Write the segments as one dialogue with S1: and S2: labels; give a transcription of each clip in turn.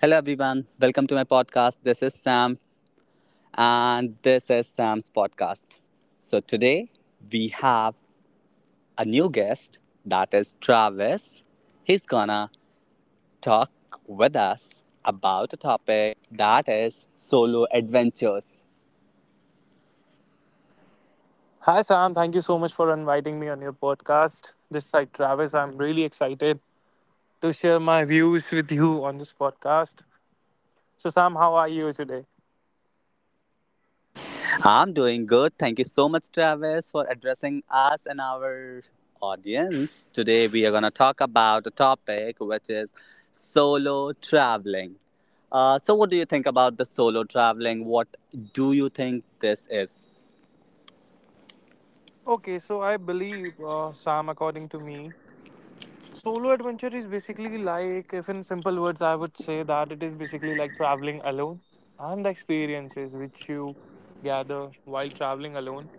S1: Hello, everyone. Welcome to my podcast. This is Sam, and this is Sam's podcast. So, today we have a new guest that is Travis. He's gonna talk with us about a topic that is solo adventures.
S2: Hi, Sam. Thank you so much for inviting me on your podcast. This side, Travis. I'm really excited to share my views with you on this podcast. So, Sam, how are you today?
S1: I'm doing good. Thank you so much, Travis, for addressing us and our audience. Today, we are going to talk about a topic which is solo traveling. So, what do you think about the solo traveling? What do you think this is?
S2: Okay, so I believe, Sam, according to me, solo adventure is basically like, if in simple words, I would say that it is basically like traveling alone and the experiences which you gather while traveling alone.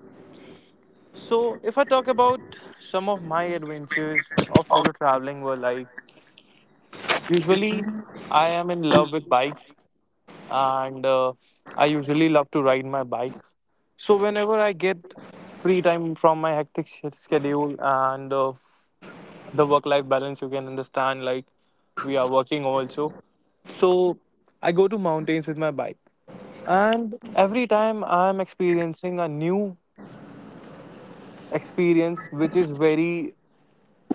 S2: So, if I talk about some of my adventures of solo traveling, were like usually, I am in love with bikes and I usually love to ride my bike. So, whenever I get free time from my hectic schedule and the work life balance, you can understand, like we are working also. So, I go to mountains with my bike. And every time I'm experiencing a new experience, which is very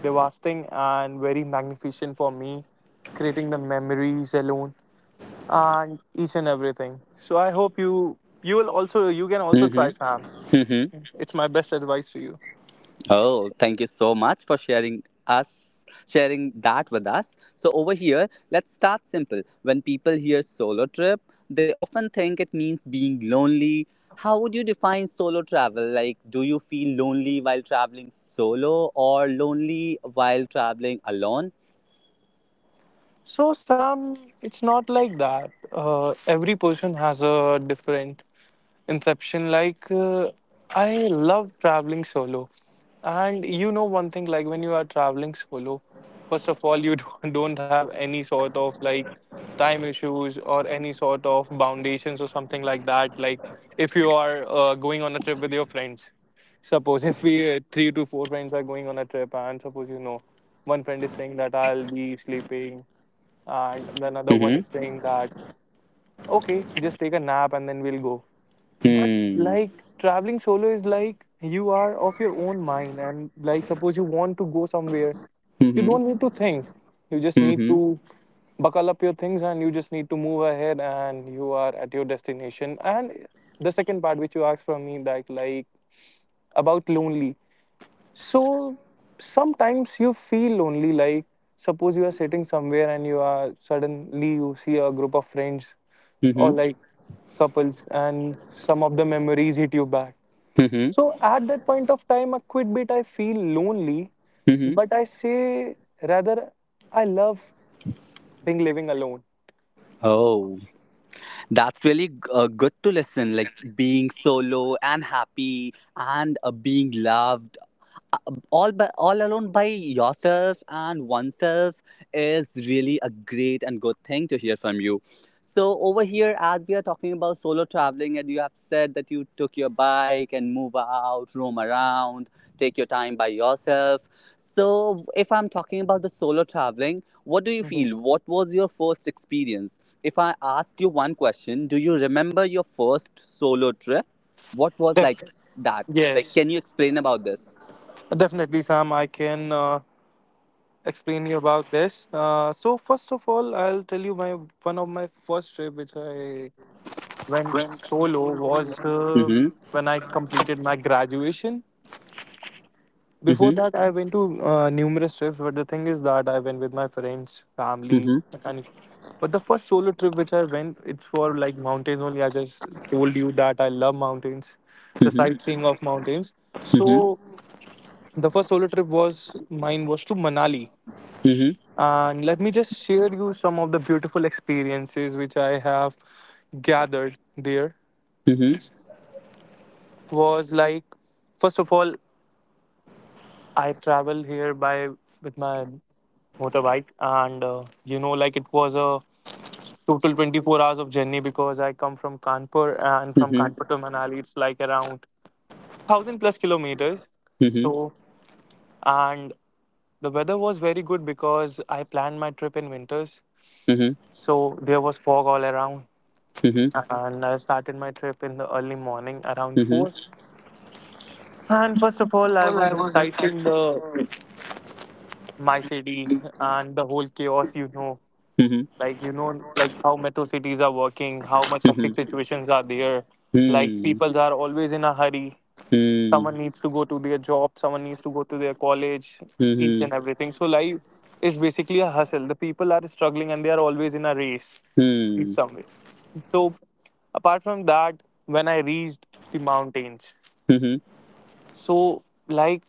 S2: devastating and very magnificent for me, creating the memories alone and each and everything. So I hope you will also you can also try
S1: Mm-hmm.
S2: Sam. It's my best advice to you.
S1: Oh, thank you so much for sharing that with us. So over here, let's start simple. When people hear solo trip, they often think it means being lonely. How would you define solo travel? Like, do you feel lonely while traveling solo or lonely while traveling alone?
S2: So Sam, it's not like that. Every person has a different inception. Like, I love traveling solo. And you know, one thing, like, when you are traveling solo, first of all, you don't have any sort of like time issues or any sort of foundations or something like that. Like, if you are going on a trip with your friends, suppose if we three to four friends are going on a trip, and suppose you know, one friend is saying that I'll be sleeping, and the another
S1: Mhm.
S2: one is saying that okay, just take a nap and then we'll go but
S1: Hmm.
S2: like traveling solo is like you are of your own mind, and like suppose you want to go somewhere, you
S1: Mhm.
S2: don't need to think. You just need
S1: Mhm.
S2: to buckle up your things and you just need to move ahead and you are at your destination. And the second part which you asked from me that like about lonely. So sometimes you feel lonely, like suppose you are sitting somewhere and you are suddenly you see a group of friends or
S1: Mhm.
S2: like couples and some of the memories hit you back.
S1: Mhm.
S2: So at that point of time, a quit bit, I feel lonely,
S1: Mhm.
S2: but I say rather, I love being living alone.
S1: Oh. That's really good to listen. Like, being solo and happy and being loved, uh, all by all alone by yourself and oneself, is really a great and good thing to hear from you. So over here, as we are talking about solo traveling, and you have said that you took your bike and move out, roam around, take your time by yourself. So if I'm talking about the solo traveling, what do you feel?
S2: Yes.
S1: What was your first experience? If I asked you one question, do you remember your first solo trip? What was
S2: Def-
S1: like that? Like,
S2: yes,
S1: can you explain about this?
S2: definitely, Sam. I can explain you about this. So first of all, I'll tell you my one of my first trip which I went solo was
S1: Mhm.
S2: when I completed my graduation. Before
S1: Mhm.
S2: that, I went to numerous trips, but the thing is that I went with my friends, family,
S1: Mhm.
S2: and but the first solo trip which I went, it's for like mountains only. I just told you that I love mountains, the
S1: Mhm.
S2: sightseeing of mountains.
S1: Mhm.
S2: So the first solo trip was mine was to Manali,
S1: Mhm.
S2: and let me just share you some of the beautiful experiences which I have gathered there.
S1: Mhm.
S2: Was like first of all I travel here by with my motorbike, and you know, like it was a total 24 hours of journey because I come from Kanpur and from
S1: Mhm.
S2: Kanpur to Manali, it's like around thousand plus kilometers.
S1: Mhm. Mhm.
S2: So, and the weather was very good because I planned my trip in winters, so there was fog all around. And I started my trip in the early morning around 4.
S1: Mhm.
S2: And first of all, I was just sighting the my city and the whole chaos, you know like how metro cities are working, how much hectic situations are there, like people are always in a hurry. Someone needs to go to their job, someone needs to go to their college, each and everything. So life is basically a hustle, the people are struggling and they are always in a race in some way. So apart from that when I reached the mountains, so like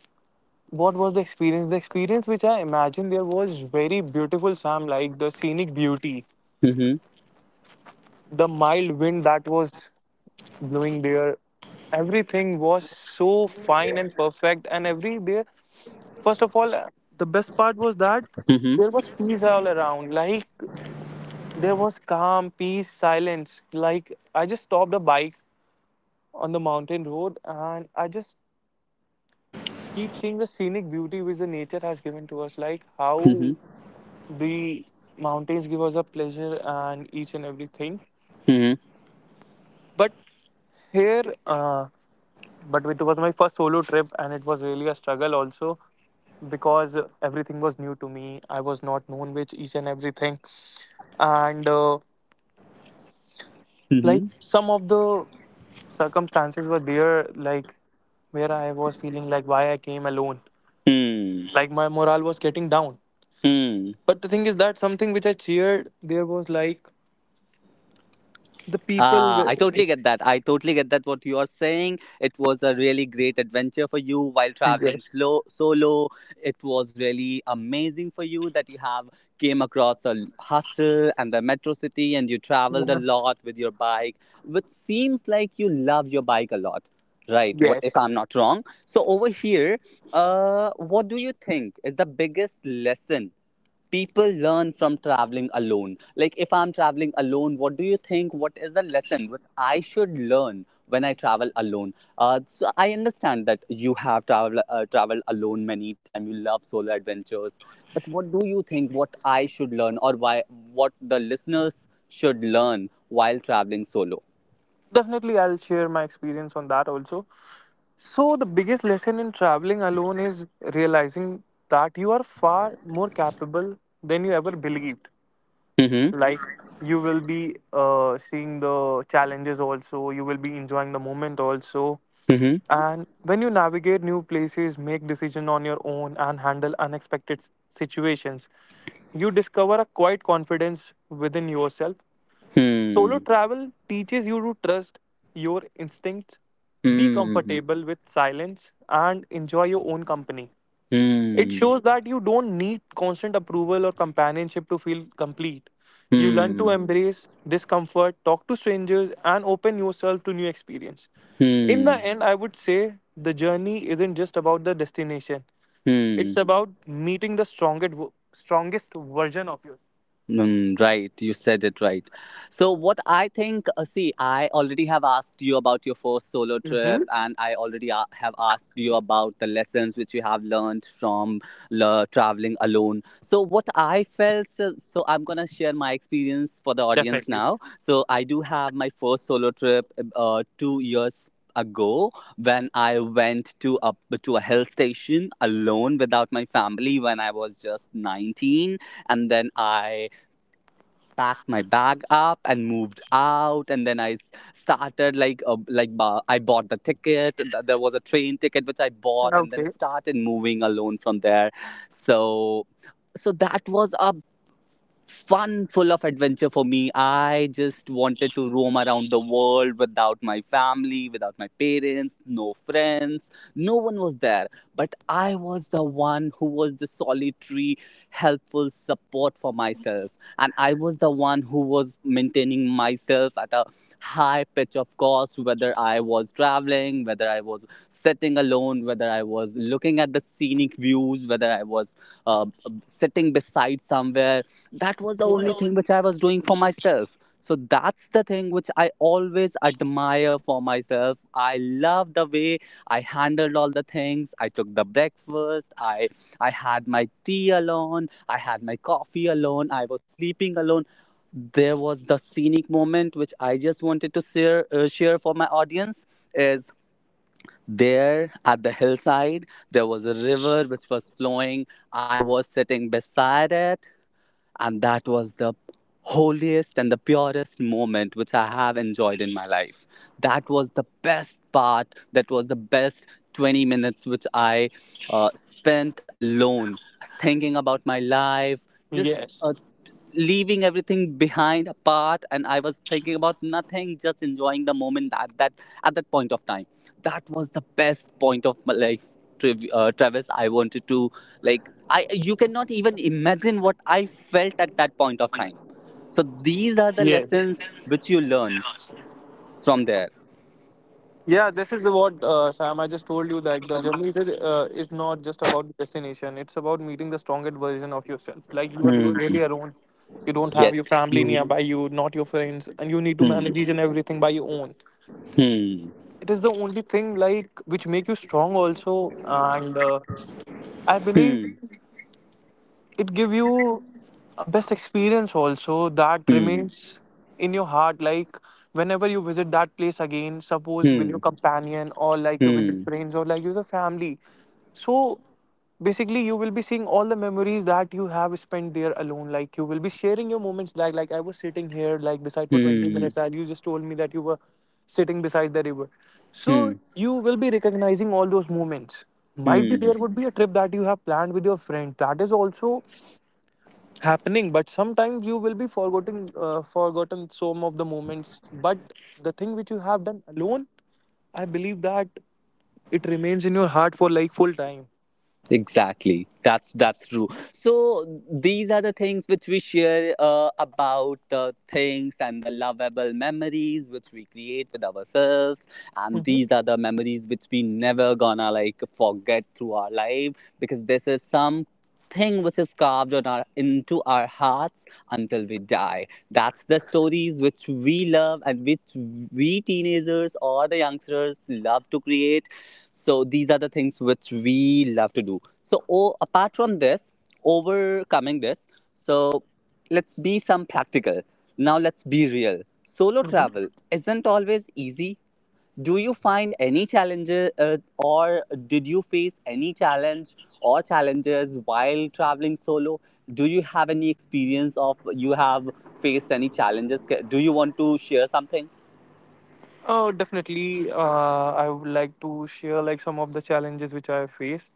S2: what was the experience, the experience which I imagined there was very beautiful Sam, like the scenic beauty,
S1: Mhm. Mhm. Mhm. Hmm. Hmm. Mhm. Hmm. Mhm. Mhm. Mhm. Mhm.
S2: the mild wind that was blowing there, everything was so fine and perfect. And every day, first of all the best part was that
S1: Mhm. Mhm.
S2: there was peace all around, like there was calm peace silence, like I just stopped the bike on the mountain road and I just keep seeing the scenic beauty which the nature has given to us, like how the mountains give us a pleasure and each and everything. But here but it was my first solo trip and it was really a struggle also because everything was new to me, I was not known with each and everything. And like some of the circumstances were there, like where I was feeling like why I came alone,
S1: Hmm.
S2: like my morale was getting down.
S1: Hmm.
S2: But the thing is that something which I cheered there was like the people
S1: Ah,
S2: were
S1: I
S2: like
S1: totally get that. I totally get that what you are saying. It was a really great adventure for you while traveling
S2: yes.
S1: slow solo. It was really amazing for you that you have came across a hustle and the metro city, and you traveled a lot with your bike, which seems like you love your bike a lot. Right, what
S2: Yes,
S1: if I'm not wrong? So over here, what do you think is the biggest lesson people learn from traveling alone? Like, if I'm traveling alone, what do you think? What is the lesson which I should learn when I travel alone? So I understand that you have traveled alone many times. You love solo adventures, but what do you think? What I should learn, or why? What the listeners should learn while traveling solo?
S2: definitely, I'll share my experience on that also. So, the biggest lesson in traveling alone is realizing that you are far more capable than you ever believed.
S1: Mm-hmm.
S2: Like, you will be seeing the challenges also, you will be enjoying the moment also.
S1: Mm-hmm.
S2: And when you navigate new places, make decisions on your own, and handle unexpected situations, you discover a quiet confidence within yourself. Solo
S1: Hmm.
S2: travel teaches you to trust your instincts, be
S1: Hmm.
S2: comfortable with silence, and enjoy your own company. It
S1: Hmm.
S2: shows that you don't need constant approval or companionship to feel complete. You learn to
S1: Hmm.
S2: embrace discomfort, talk to strangers, and open yourself to new experience. In
S1: Hmm.
S2: the end, I would say the journey isn't just about the destination. It's
S1: Hmm.
S2: about meeting the strongest version of you.
S1: Mm, right, you said it right. So, what I think, see, I already have asked you about your first solo trip,
S2: Hmm.
S1: and I already have asked you about the lessons which you have learned from traveling alone. So, what I felt, so I'm gonna share my experience for the audience
S2: Definitely.
S1: now. So, I do have my first solo trip 2 years ago, when I went to a hill station alone without my family when I was just 19, and then I packed my bag up and moved out, and then I started like I bought the ticket. There was a train ticket which I bought, and then
S2: Okay.
S1: started moving alone from there. So so that was a fun full of adventure for me. I just wanted to roam around the world without my family, without my parents, no friends. No one was there. But I was the one who was the solitary, helpful support for myself. And I was the one who was maintaining myself at a high pitch of cost, whether I was traveling, whether I was sitting alone, whether I was looking at the scenic views, whether I was uh, sitting beside somewhere. That was the only thing which I was doing for myself. So that's the thing which I always admire for myself. I love the way I handled all the things. I took the breakfast. I had my tea alone. I had my coffee alone. I was sleeping alone. There was the scenic moment which I just wanted to share for my audience is there at the hillside. There was a river which was flowing. I was sitting beside it, and that was the holiest and the purest moment which I have enjoyed in my life. That was the best part, that was the best 20 minutes which I spent alone, thinking about my life, just
S2: Yes.
S1: leaving everything behind apart, and I was thinking about nothing, just enjoying the moment at that point of time. That was the best point of my life. Travis, I wanted to, like I you cannot even imagine what I felt at that point of time. So these are the
S2: Yes.
S1: lessons which you learn from there.
S2: Yeah, this is what Sam. I just told you that the journey is not just about the destination. It's about meeting the strongest version of yourself. Like you are
S1: Hmm.
S2: really alone. You don't
S1: Yes.
S2: have your family
S1: You.
S2: nearby you, not your friends, and you need to manage
S1: Hmm.
S2: each and everything by your own.
S1: Hmm.
S2: It is the only thing like which make you strong also, and I believe
S1: Hmm.
S2: it give you a best experience also that
S1: Hmm.
S2: remains in your heart, like whenever you visit that place again suppose with
S1: Hmm.
S2: your companion or like you with your
S1: Hmm.
S2: friends or like you the family. So basically you will be seeing all the memories that you have spent there alone, like you will be sharing your moments like I was sitting here like beside for 20
S1: Hmm.
S2: minutes and you just told me that you were sitting beside the river. So
S1: Hmm.
S2: you will be recognizing all those moments, might be
S1: Hmm.
S2: there would be a trip that you have planned with your friend that is also happening, but sometimes you will be forgetting forgotten some of the moments, but the thing which you have done alone, I believe that it remains in your heart for like full time.
S1: Exactly. That's true. So these are the things which we share about the things and the lovable memories which we create with ourselves, and these
S2: Hmm.
S1: are the memories which we never gonna like forget through our life, because this is some thing which is carved on our into our hearts until we die. That's the stories which we love and which we teenagers or the youngsters love to create. So these are the things which we love to do. So, o apart from this, overcoming this, so let's be some practical. Now, let's be real. Solo
S2: Hmm.
S1: travel isn't always easy. Do you find any challenges, or did you face any challenge or challenges while traveling solo? Do you have any experience of you have faced any challenges? Do you want to share something?
S2: Oh definitely, I would like to share like some of the challenges which I have faced.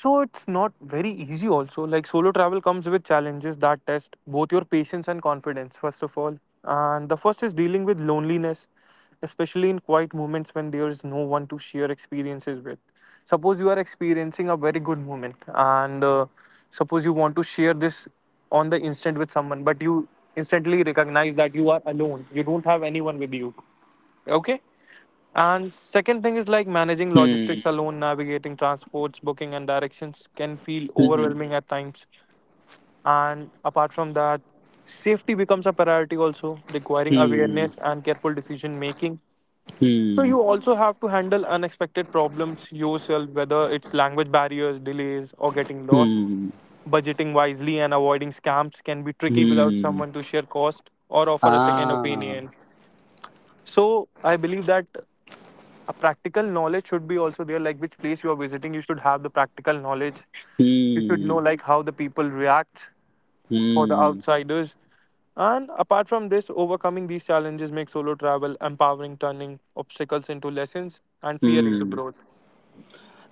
S2: So it's not very easy also. Like solo travel comes with challenges that test both your patience and confidence, first of all. And the first is dealing with loneliness, especially in quiet moments when there's no one to share experiences with. Suppose you are experiencing a very good moment and suppose you want to share this on the instant with someone, but you instantly recognize that you are alone. You don't have anyone with you. Okay? And second thing is like managing
S1: Hmm.
S2: logistics alone, navigating transports, booking, and directions can feel
S1: Hmm.
S2: overwhelming at times. And apart from that, safety becomes a priority also, requiring
S1: Hmm.
S2: awareness and careful decision making. So
S1: Hmm.
S2: you also have to handle unexpected problems yourself, whether it's language barriers, delays, or getting lost.
S1: Hmm.
S2: Budgeting wisely and avoiding scams can be tricky without
S1: Hmm.
S2: someone to share cost or offer a second
S1: Ah.
S2: opinion. So I believe that a practical knowledge should be also there, like which place you are visiting you should have the practical knowledge, you should know
S1: 嗯
S2: like how the people react for the
S1: 嗯
S2: outsiders. And apart from this overcoming these challenges makes solo travel empowering, turning obstacles into lessons and fear into
S1: 嗯。
S2: growth.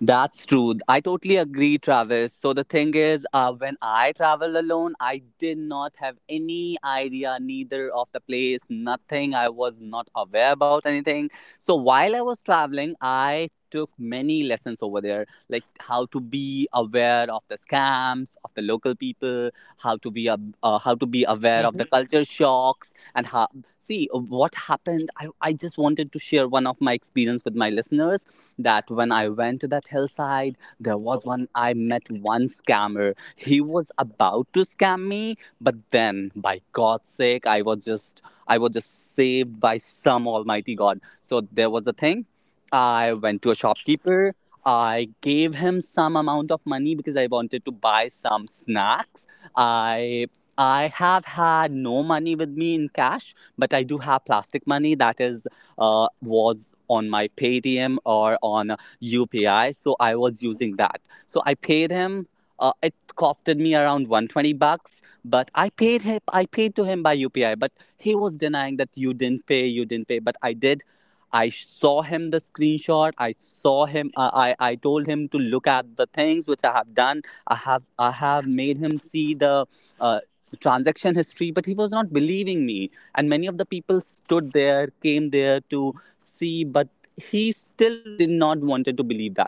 S1: That's true. I totally agree, Travis. So the thing is, when I travel alone, I did not have any idea, neither of the place, nothing. I was not aware about anything. So while I was traveling, I took many lessons over there, like how to be aware of the scams of the local people, how to be aware of
S2: Hmm.
S1: the culture shocks, and how, see what happened. I just wanted to share one of my experience with my listeners that when I went to that hillside, there was one, I met one scammer. He was about to scam me, but then by God's sake, I was just saved by some almighty God. So there was the thing. I went to a shopkeeper. I gave him some amount of money because I wanted to buy some snacks. I I have had no money with me in cash, but I do have plastic money that is was on my Paytm or on UPI, so I was using that. So I paid him. It costed me around 120 bucks, but I paid him. I paid to him by UPI, but he was denying that you didn't pay, but I did. I saw him the screenshot. I saw him. I told him to look at the things which I have done. I have made him see the uh, transaction history, but he was not believing me, and many of the people stood there, came there to see, but he still did not wanted to believe that,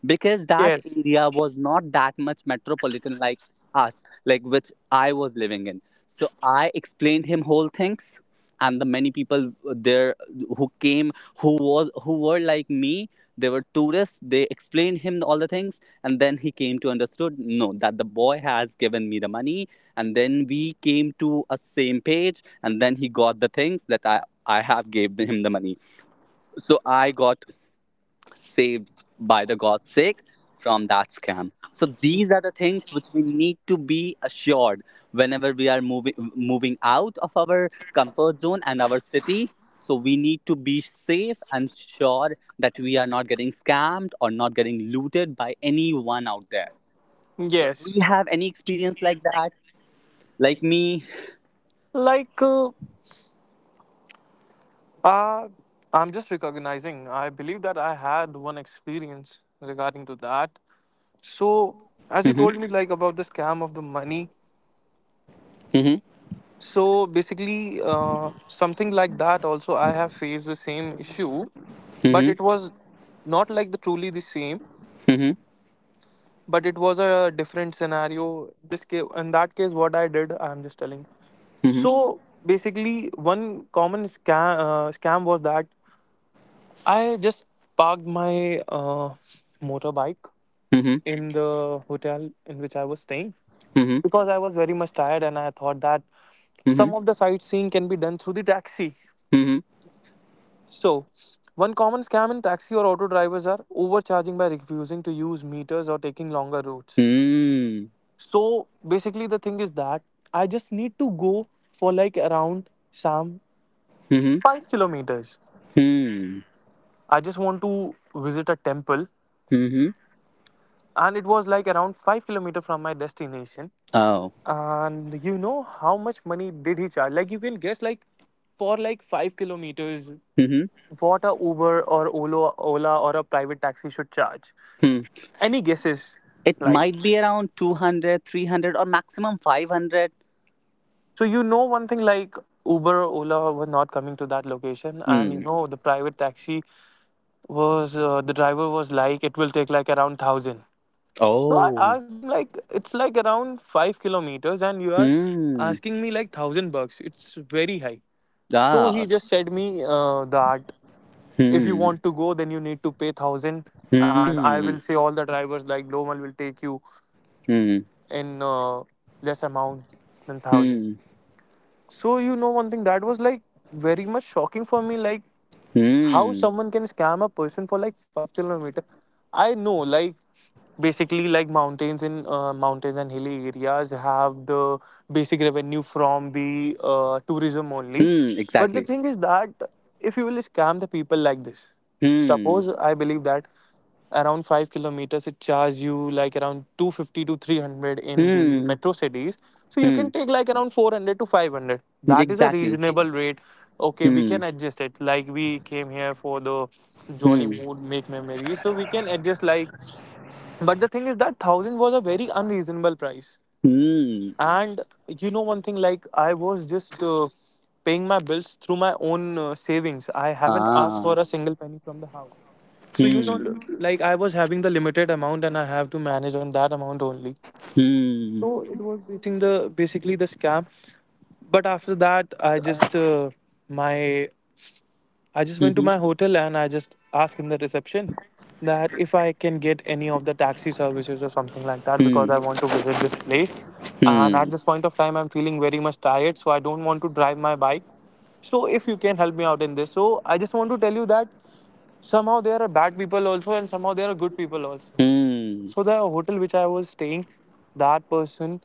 S1: because that
S2: Yes.
S1: area was not that much metropolitan like us, like which I was living in. So I explained him whole things, and the many people there, who came, who were like me, they were tourists, they explained him all the things. And then he came to understood, no, that the boy has given me the money. And then we came to a same page, and then he got the things that I have gave him the money. So I got saved by the god's sake from that scam. So these are the things which we need to be assured whenever we are moving out of our comfort zone and our city. So we need to be safe and sure that we are not getting scammed or not getting looted by anyone out there. So do
S2: Yes.
S1: you have any experience like that, like me?
S2: Like uh, uh, I'm just recognizing I believe that I had one experience regarding to that. So as you
S1: Hmm.
S2: told me like about the scam of the money.
S1: Hmm.
S2: So basically, something like that. Also, I have faced the same issue, but
S1: Hmm.
S2: it was not like the truly the same,
S1: Hmm.
S2: but it was a different scenario. This case, in that case, what I did, I am just telling. So basically, one common scam scam was that I just parked my motorbike
S1: Hmm.
S2: in the hotel in which I was staying
S1: Hmm.
S2: because I was very much tired and I thought that some
S1: Mhm.
S2: of the sightseeing can be done through the taxi.
S1: Mhm.
S2: So, one common scam in taxi or auto drivers are overcharging by refusing to use meters or taking longer routes.
S1: Mm.
S2: So, basically, the thing is that I just need to go for like around some
S1: Mhm.
S2: 5 kilometers.
S1: Hmm.
S2: I just want to visit a temple,
S1: Mhm.
S2: and it was like around 5 kilometers from my destination.
S1: Oh.
S2: And you know how much money did he charge? Like, you can guess, like, for like 5 kilometers,
S1: Mhm.
S2: what a Uber or Ola or a private taxi should charge.
S1: Hmm.
S2: Any guesses?
S1: It
S2: Like,
S1: might be around 200, 300, or maximum 500.
S2: so you know one thing, like Uber or Ola were not coming to that location, and you
S1: Hmm.
S2: know the private taxi was the driver was like it will take like around 1000. So I
S1: Oh.
S2: asked him like it's like around 5 kilometers, and you are
S1: Hmm.
S2: asking me like 1000 bucks. It's very high. So he
S1: Ah.
S2: just said me that if you
S1: Hmm.
S2: want to go, then you need to pay 1000, and I
S1: Hmm.
S2: will say all the drivers like Lomal will take you
S1: Hmm.
S2: in less amount than 1000.
S1: Hmm.
S2: So you know one thing that was like very much shocking for me, like how
S1: Hmm.
S2: someone can scam a person for like 5 kilometer. I know, like basically, like mountains in mountains and hilly areas have the basic revenue from the tourism only.
S1: Hmm.
S2: But the
S1: Exactly.
S2: thing is that if you will scam the people like this,
S1: Hmm.
S2: suppose I believe that around 5 kilometers it charges you like around 250 to 300 in the
S1: Hmm.
S2: metro cities, so you
S1: Hmm.
S2: can take like around 400 to 500. That is a
S1: Exactly.
S2: reasonable rate. Okay, we
S1: Hmm.
S2: can adjust it, like we came here for the jolly
S1: Hmm.
S2: mood, make memories, so we can adjust. Like, but the thing is that 1000 was a very unreasonable price,
S1: Hmm.
S2: and you know one thing, like I was just paying my bills through my own savings. I haven't asked
S1: Ah.
S2: for a single penny from the house. So you know,
S1: Hmm.
S2: like I was having the limited amount and I have to manage on that amount only.
S1: Hmm.
S2: So it was basing the basically the scam. But after that, my I just went to my
S1: Mhm.
S2: hotel and I just asked in the reception that if I can get any of the taxi services or something like that
S1: Hmm.
S2: because I want to visit this place. And
S1: Hmm.
S2: at this point of time, I'm feeling very much tired, so I don't want to drive my bike. So if you can help me out in this, so I just want to tell you that somehow there are bad people also and somehow there are good people also.
S1: Hmm.
S2: So the hotel which I was staying, that person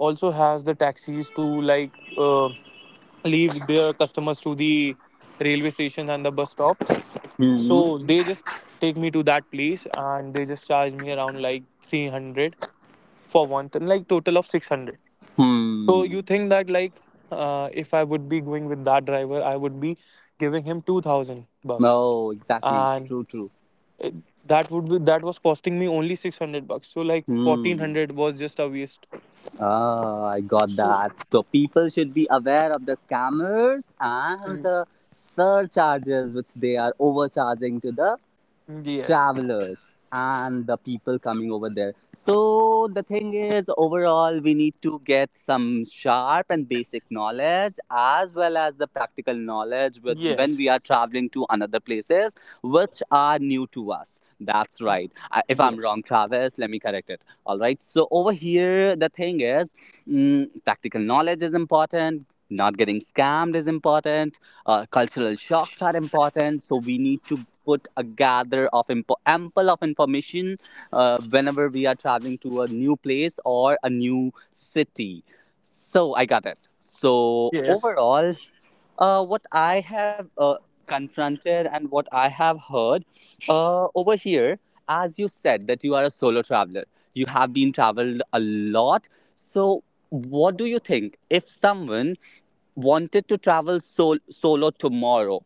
S2: also has the taxis to like leave their customers to the railway stations and the bus stops.
S1: Hmm.
S2: So they just take me to that place and they just charge me around like 300 for one ton, like total of 600. So
S1: Hmm.
S2: you think that like if I would be going with that driver, I would be giving him 2000 bucks,
S1: Oh, exactly.
S2: and
S1: True, true.
S2: it, that would be that was costing me only 600 bucks. So like
S1: Hmm.
S2: 1400 was just a waste.
S1: Oh, I got
S2: So
S1: that. So people should be aware of the scammers and
S2: mm,
S1: the surcharges which they are overcharging to the
S2: yes.
S1: travelers and the people coming over there. So the thing is, overall, we need to get some sharp and basic knowledge as well as the practical knowledge when
S2: Yes.
S1: we are traveling to another places which are new to us. That's right. If I'm
S2: Yes.
S1: wrong, Travis, let me correct it. All right. So over here, the thing is, practical knowledge is important. Not getting scammed is important. Cultural shocks are important, so we need to put a gather of ample of information whenever we are traveling to a new place or a new city. So I got it. So
S2: Yes.
S1: overall, what I have confronted and what I have heard over here, as you said that you are a solo traveler, you have been traveled a lot. So what do you think, if someone wanted to travel solo tomorrow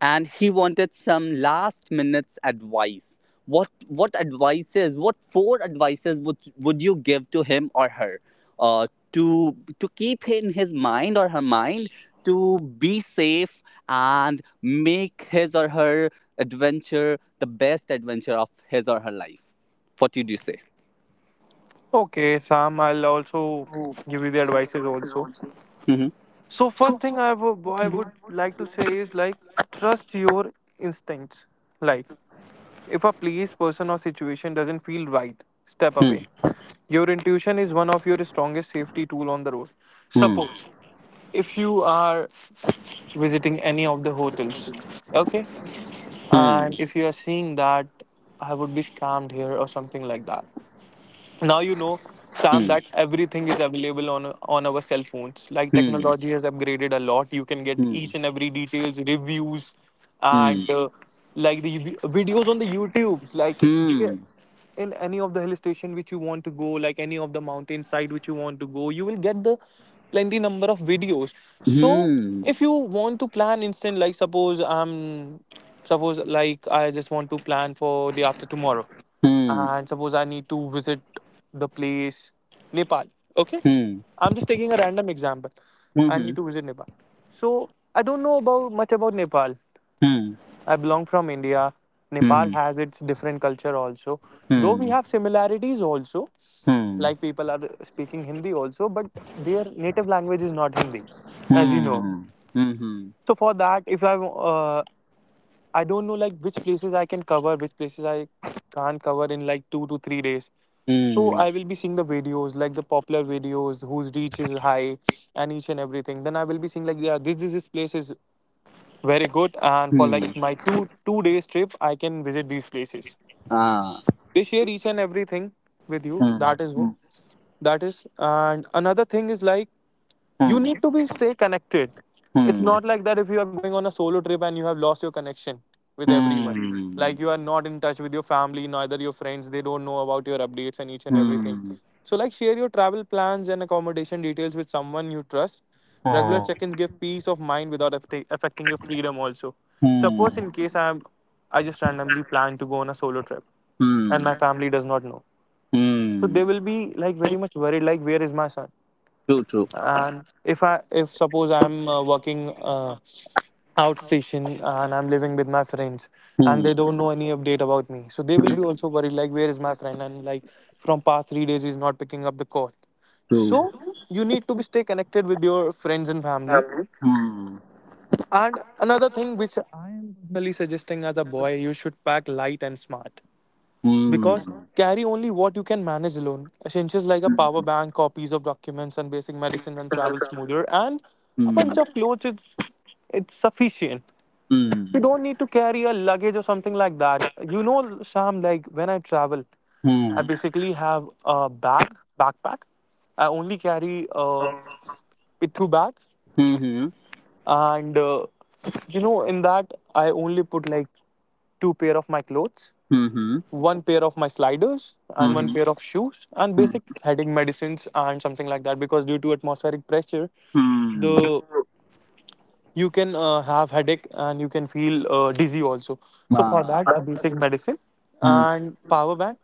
S1: and he wanted some last minutes advice, what advices, what four advices would you give to him or her, uh, to keep in his mind or her mind, to be safe and make his or her adventure the best adventure of his or her life? What would you say?
S2: Okay, Sam, I'll also give you the advices also.
S1: Mm-hmm.
S2: So first thing I would like to say is like trust your instincts. Like if a place, person or situation doesn't feel right, step
S1: Hmm.
S2: away. Your intuition is one of your strongest safety tool on the road.
S1: Hmm.
S2: Suppose if you are visiting any of the hotels, okay,
S1: Hmm.
S2: and if you are seeing that I would be scammed here or something like that. Now you know,
S1: Hmm.
S2: Sam, that
S1: Hmm.
S2: everything is available on our cell phones. Like
S1: Hmm.
S2: technology has upgraded a lot. You can get
S1: Hmm.
S2: each and every details, reviews
S1: Hmm,
S2: and like the videos on the youtubes, like
S1: hmm.
S2: in any of the hill station which you want to go, like any of the mountain side which you want to go, you will get the plenty number of videos. So
S1: 嗯
S2: if you want to plan instant, like suppose like I just want to plan for day after tomorrow,
S1: 嗯
S2: and suppose I need to visit the place Nepal. Okay,
S1: 嗯
S2: I'm just taking a random example.
S1: 嗯
S2: I need
S1: 哼
S2: to visit Nepal. So I don't know about much about Nepal.
S1: 嗯
S2: I belong from India. Nepal
S1: 嗯
S2: has its different culture also. Though we
S1: 嗯
S2: have similarities also,
S1: 嗯
S2: like
S1: 嗯
S2: people are speaking Hindi also, but their native language is not Hindi, as you know.
S1: 嗯哼
S2: So for that, if I I don't know like which places I can cover, which places I can't cover in like 2 to 3 days. So
S1: 嗯
S2: I will be seeing the videos, like the popular videos, whose reach is high, and each and everything. Then I will be seeing like, yeah, this place is very good, and for like
S1: 嗯
S2: my two days trip, I can visit these places.
S1: 啊
S2: They share each and everything with you.
S1: 嗯
S2: That is who.
S1: 嗯
S2: That is, and another thing is like you need
S1: 嗯
S2: to be stay connected. It's
S1: 嗯
S2: not like that if you are going on a solo trip and you have lost your connection with everyone, like you are not in touch with your family neither your friends. They don't know about your updates and each and everything.
S1: 嗯嗯
S2: So like share your travel plans and accommodation details with someone you trust. Regular
S1: 哦
S2: check-ins give peace of mind without affecting your freedom also.
S1: 嗯
S2: Suppose in case I am, I just randomly plan to go on a solo trip and
S1: 嗯
S2: my family does not know, so
S1: 嗯，嗯
S2: they
S1: 嗯
S2: will be like very much worried like where is my son.
S1: 嗯
S2: And if suppose I'm working outstation and I'm living with my friends and they
S1: 嗯
S2: don't know any update about me, so they will
S1: 嗯
S2: be also worried like where is my friend. And like from past 3 days he's not picking up the call. So you need to be stay connected with your friends and family. And another thing which I am personally suggesting as a boy, you should pack light and smart because carry only what you can manage alone. Essentials like a power bank, copies of documents, and basic medicine and travel smoother, and a bunch of clothes. It's sufficient. You don't need to carry a luggage or something like that. You know, Sam, like when I travel, I basically have a bag, backpack. I only carry a pithu bag,
S1: 嗯嗯嗯嗯嗯嗯嗯哼
S2: and you know, in that I only put like two pair of my clothes,
S1: 嗯哼嗯
S2: one pair of my sliders and one pair
S1: 哼
S2: of shoes and basic headache medicines and something like that because due to atmospheric pressure,
S1: 嗯
S2: the you can have headache and you can feel dizzy also. So for
S1: 啊。
S2: that, a basic medicine
S1: Hmm.
S2: and power bank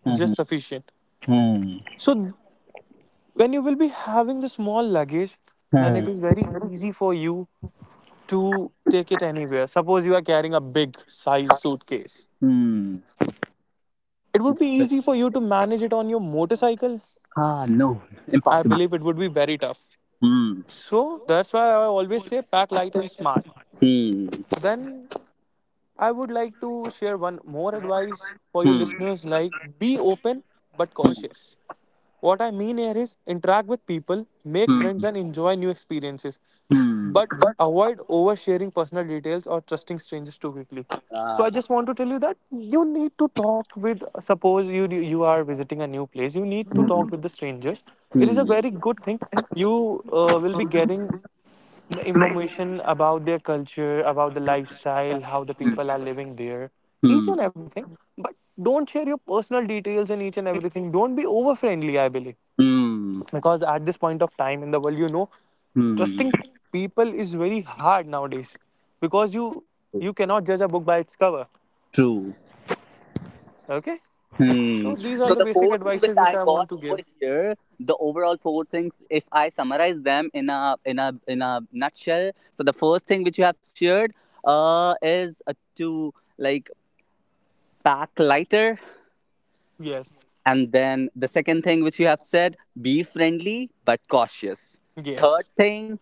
S1: Hmm.
S2: just sufficient.
S1: Hmm.
S2: So when you will be having the small luggage, then
S1: Hmm.
S2: it is very easy for you to take it anywhere. Suppose you are carrying a big size suitcase,
S1: Hmm.
S2: it would be
S1: But-
S2: easy for you to manage it on your motorcycle.
S1: Ah, no.
S2: I
S1: Impossible.
S2: believe it would be very tough.
S1: Hmm.
S2: So that's why I always say pack light and smart.
S1: Hmm.
S2: Then I would like to share one more advice for you
S1: Hmm.
S2: listeners, like be open but
S1: Hmm.
S2: cautious. What I mean here is interact with people, make
S1: Hmm.
S2: friends, and enjoy new experiences,
S1: Hmm.
S2: but
S1: But,
S2: avoid oversharing personal details or trusting strangers too quickly. So
S1: uh,
S2: I just want to tell you that you need to talk with, suppose you are visiting a new place, you need to
S1: hmm.
S2: talk with the strangers. It is a
S1: Hmm.
S2: very good thing. You will be getting the information about their culture, about the lifestyle, how the people are living there, each
S1: Hmm.
S2: and everything. But don't share your personal details and each and everything. Don't be over friendly, I believe,
S1: Hmm.
S2: because at this point of time in the world, you know,
S1: Hmm. Hmm.
S2: trusting people is very hard nowadays because you cannot judge a book by its cover.
S1: True.
S2: Okay?
S1: Hmm.
S2: So these are
S1: So
S2: the
S1: the
S2: basic
S1: four things which
S2: advices which
S1: I
S2: I
S1: got
S2: want to
S1: over
S2: give.
S1: here, the overall four things, if I summarize them in a nutshell, so the first thing which you have shared is to, like, pack lighter,
S2: Yes.
S1: and then the second thing which you have said, be friendly but cautious. Third
S2: Yes.
S1: thing,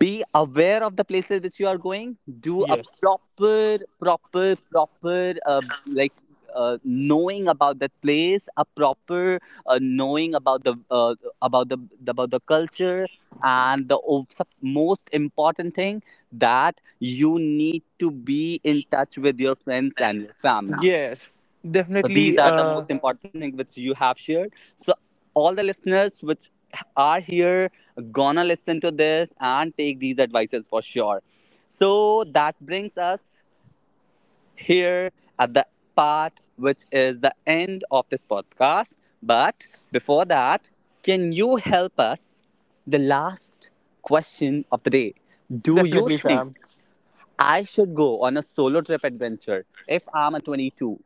S1: be aware of the places which you are going, do a
S2: Yes.
S1: proper proper proper uh, like, knowing about that place, a proper, knowing about the, about the about the culture, and the most important thing, that you need to be in touch with your friends and your family.
S2: Yes.
S1: So these
S2: Definitely.
S1: are the
S2: uh
S1: most important thing which you have shared. So all the listeners which are here gonna listen to this and take these advices for sure. So that brings us here at the part which is the end of this podcast. But before that, can you help us the last question of the day? Do you
S2: Definitely,
S1: think
S2: Sam.
S1: I should go on a solo trip adventure if I'm a 22?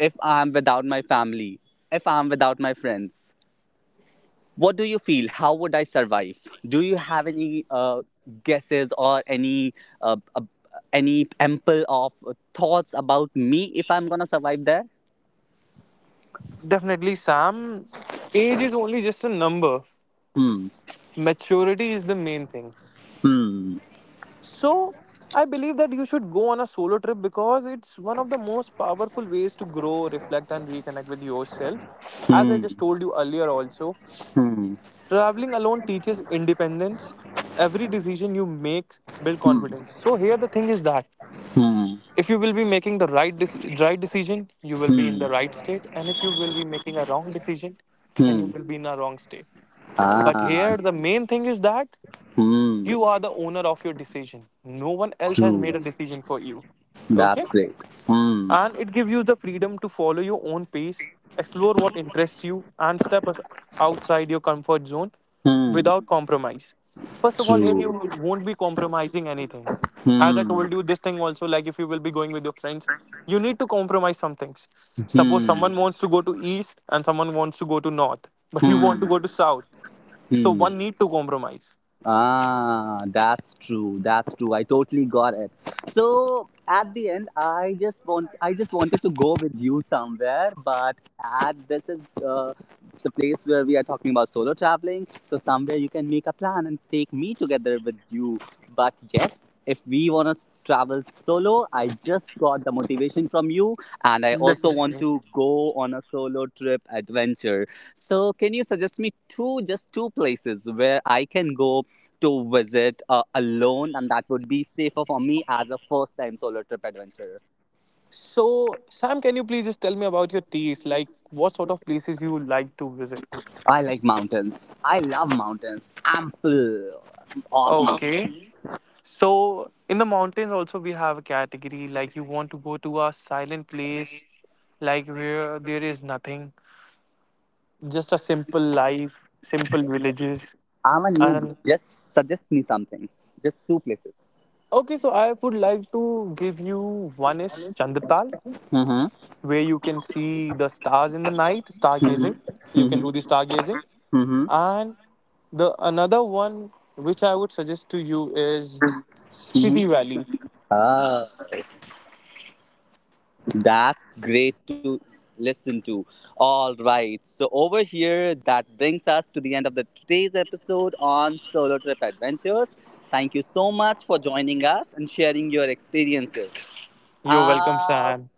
S1: If I'm without my family, if I'm without my friends, what do you feel? How would I survive? Do you have any guesses or uh, uh, any ample of thoughts about me, if I'm gonna survive there?
S2: Definitely, Sam, age is only just a number.
S1: Hmm.
S2: Maturity is the main thing.
S1: Hmm.
S2: So I believe that you should go on a solo trip because it's one of the most powerful ways to grow, reflect, and reconnect with yourself. As I
S1: Hmm.
S2: just told you earlier, also,
S1: Hmm.
S2: traveling alone teaches independence. Every decision you make build
S1: Hmm.
S2: confidence. So here the thing is that
S1: Hmm.
S2: if you will be making the right decision, you will be in
S1: Hmm.
S2: the right state, and if you will be making a wrong decision, then you
S1: Hmm.
S2: will be in a wrong state. But
S1: Ah.
S2: here the main thing is that
S1: Hmm.
S2: you are the owner of your decision. No one else has
S1: True.
S2: made a decision for you. Okay?
S1: That's great. Hmm.
S2: And it gives you the freedom to follow your own pace, explore what interests you, and step outside your comfort zone
S1: Hmm.
S2: without compromise. First of all, here you
S1: True.
S2: won't be compromising anything. As I
S1: Hmm.
S2: told you, this thing also, like if you will be going with your friends, you need to compromise some things. Suppose
S1: Hmm.
S2: someone wants to go to east and someone wants to go to north, but you want to go
S1: Hmm.
S2: to south. So
S1: Hmm.
S2: one need to compromise.
S1: Ah, that's true. That's true. I totally got it. So at the end, I just wanted to go with you somewhere, but at this is uh, the place where we are talking about solo traveling. So somewhere you can make a plan and take me together with you. But yes, if we want to travel solo, I just got the motivation from you, and I also want
S2: Definitely.
S1: to go on a solo trip adventure. So can you suggest me two just two places where I can go to visit, alone, and that would be safer for me as a first time solo trip adventure?
S2: So, Sam, can you please just tell me about your taste? Like, what sort of places you like to visit?
S1: I like mountains. I love mountains. Ample of
S2: Okay.
S1: mountains.
S2: So, in the mountains, also, we have a category like you want to go to a silent place, like where there is nothing, just a simple life, simple villages.
S1: I'm a newbie.
S2: And
S1: Just suggest me something. Just two places.
S2: okay, so I would like to give you one is Chandratal,
S1: Mm-hmm.
S2: where you can see the stars in the night,
S1: Mm-hmm.
S2: stargazing. You can do the
S1: Mm-hmm.
S2: stargazing.
S1: Mm-hmm.
S2: And the another one which I would suggest to you is
S1: Mm-hmm.
S2: Spiti Valley.
S1: Ah. That's great to listen to. All right. So, over here, that brings us to the end of the today's episode on solo trip adventures. Thank you so much for joining us and sharing your experiences.
S2: You're welcome,
S1: Uh,
S2: Sam.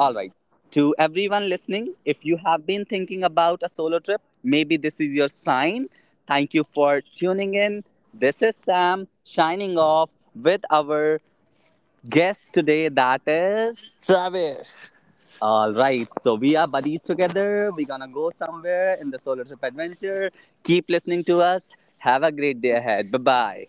S1: all right. To everyone listening, if you have been thinking about a solo trip, maybe this is your sign. Thank you for tuning in. This is Sam shining off with our guest today, that is.
S2: Travis.
S1: All right, so we are buddies together. We're gonna go somewhere in the solo trip adventure. Keep listening to us. Have a great day ahead. Bye bye.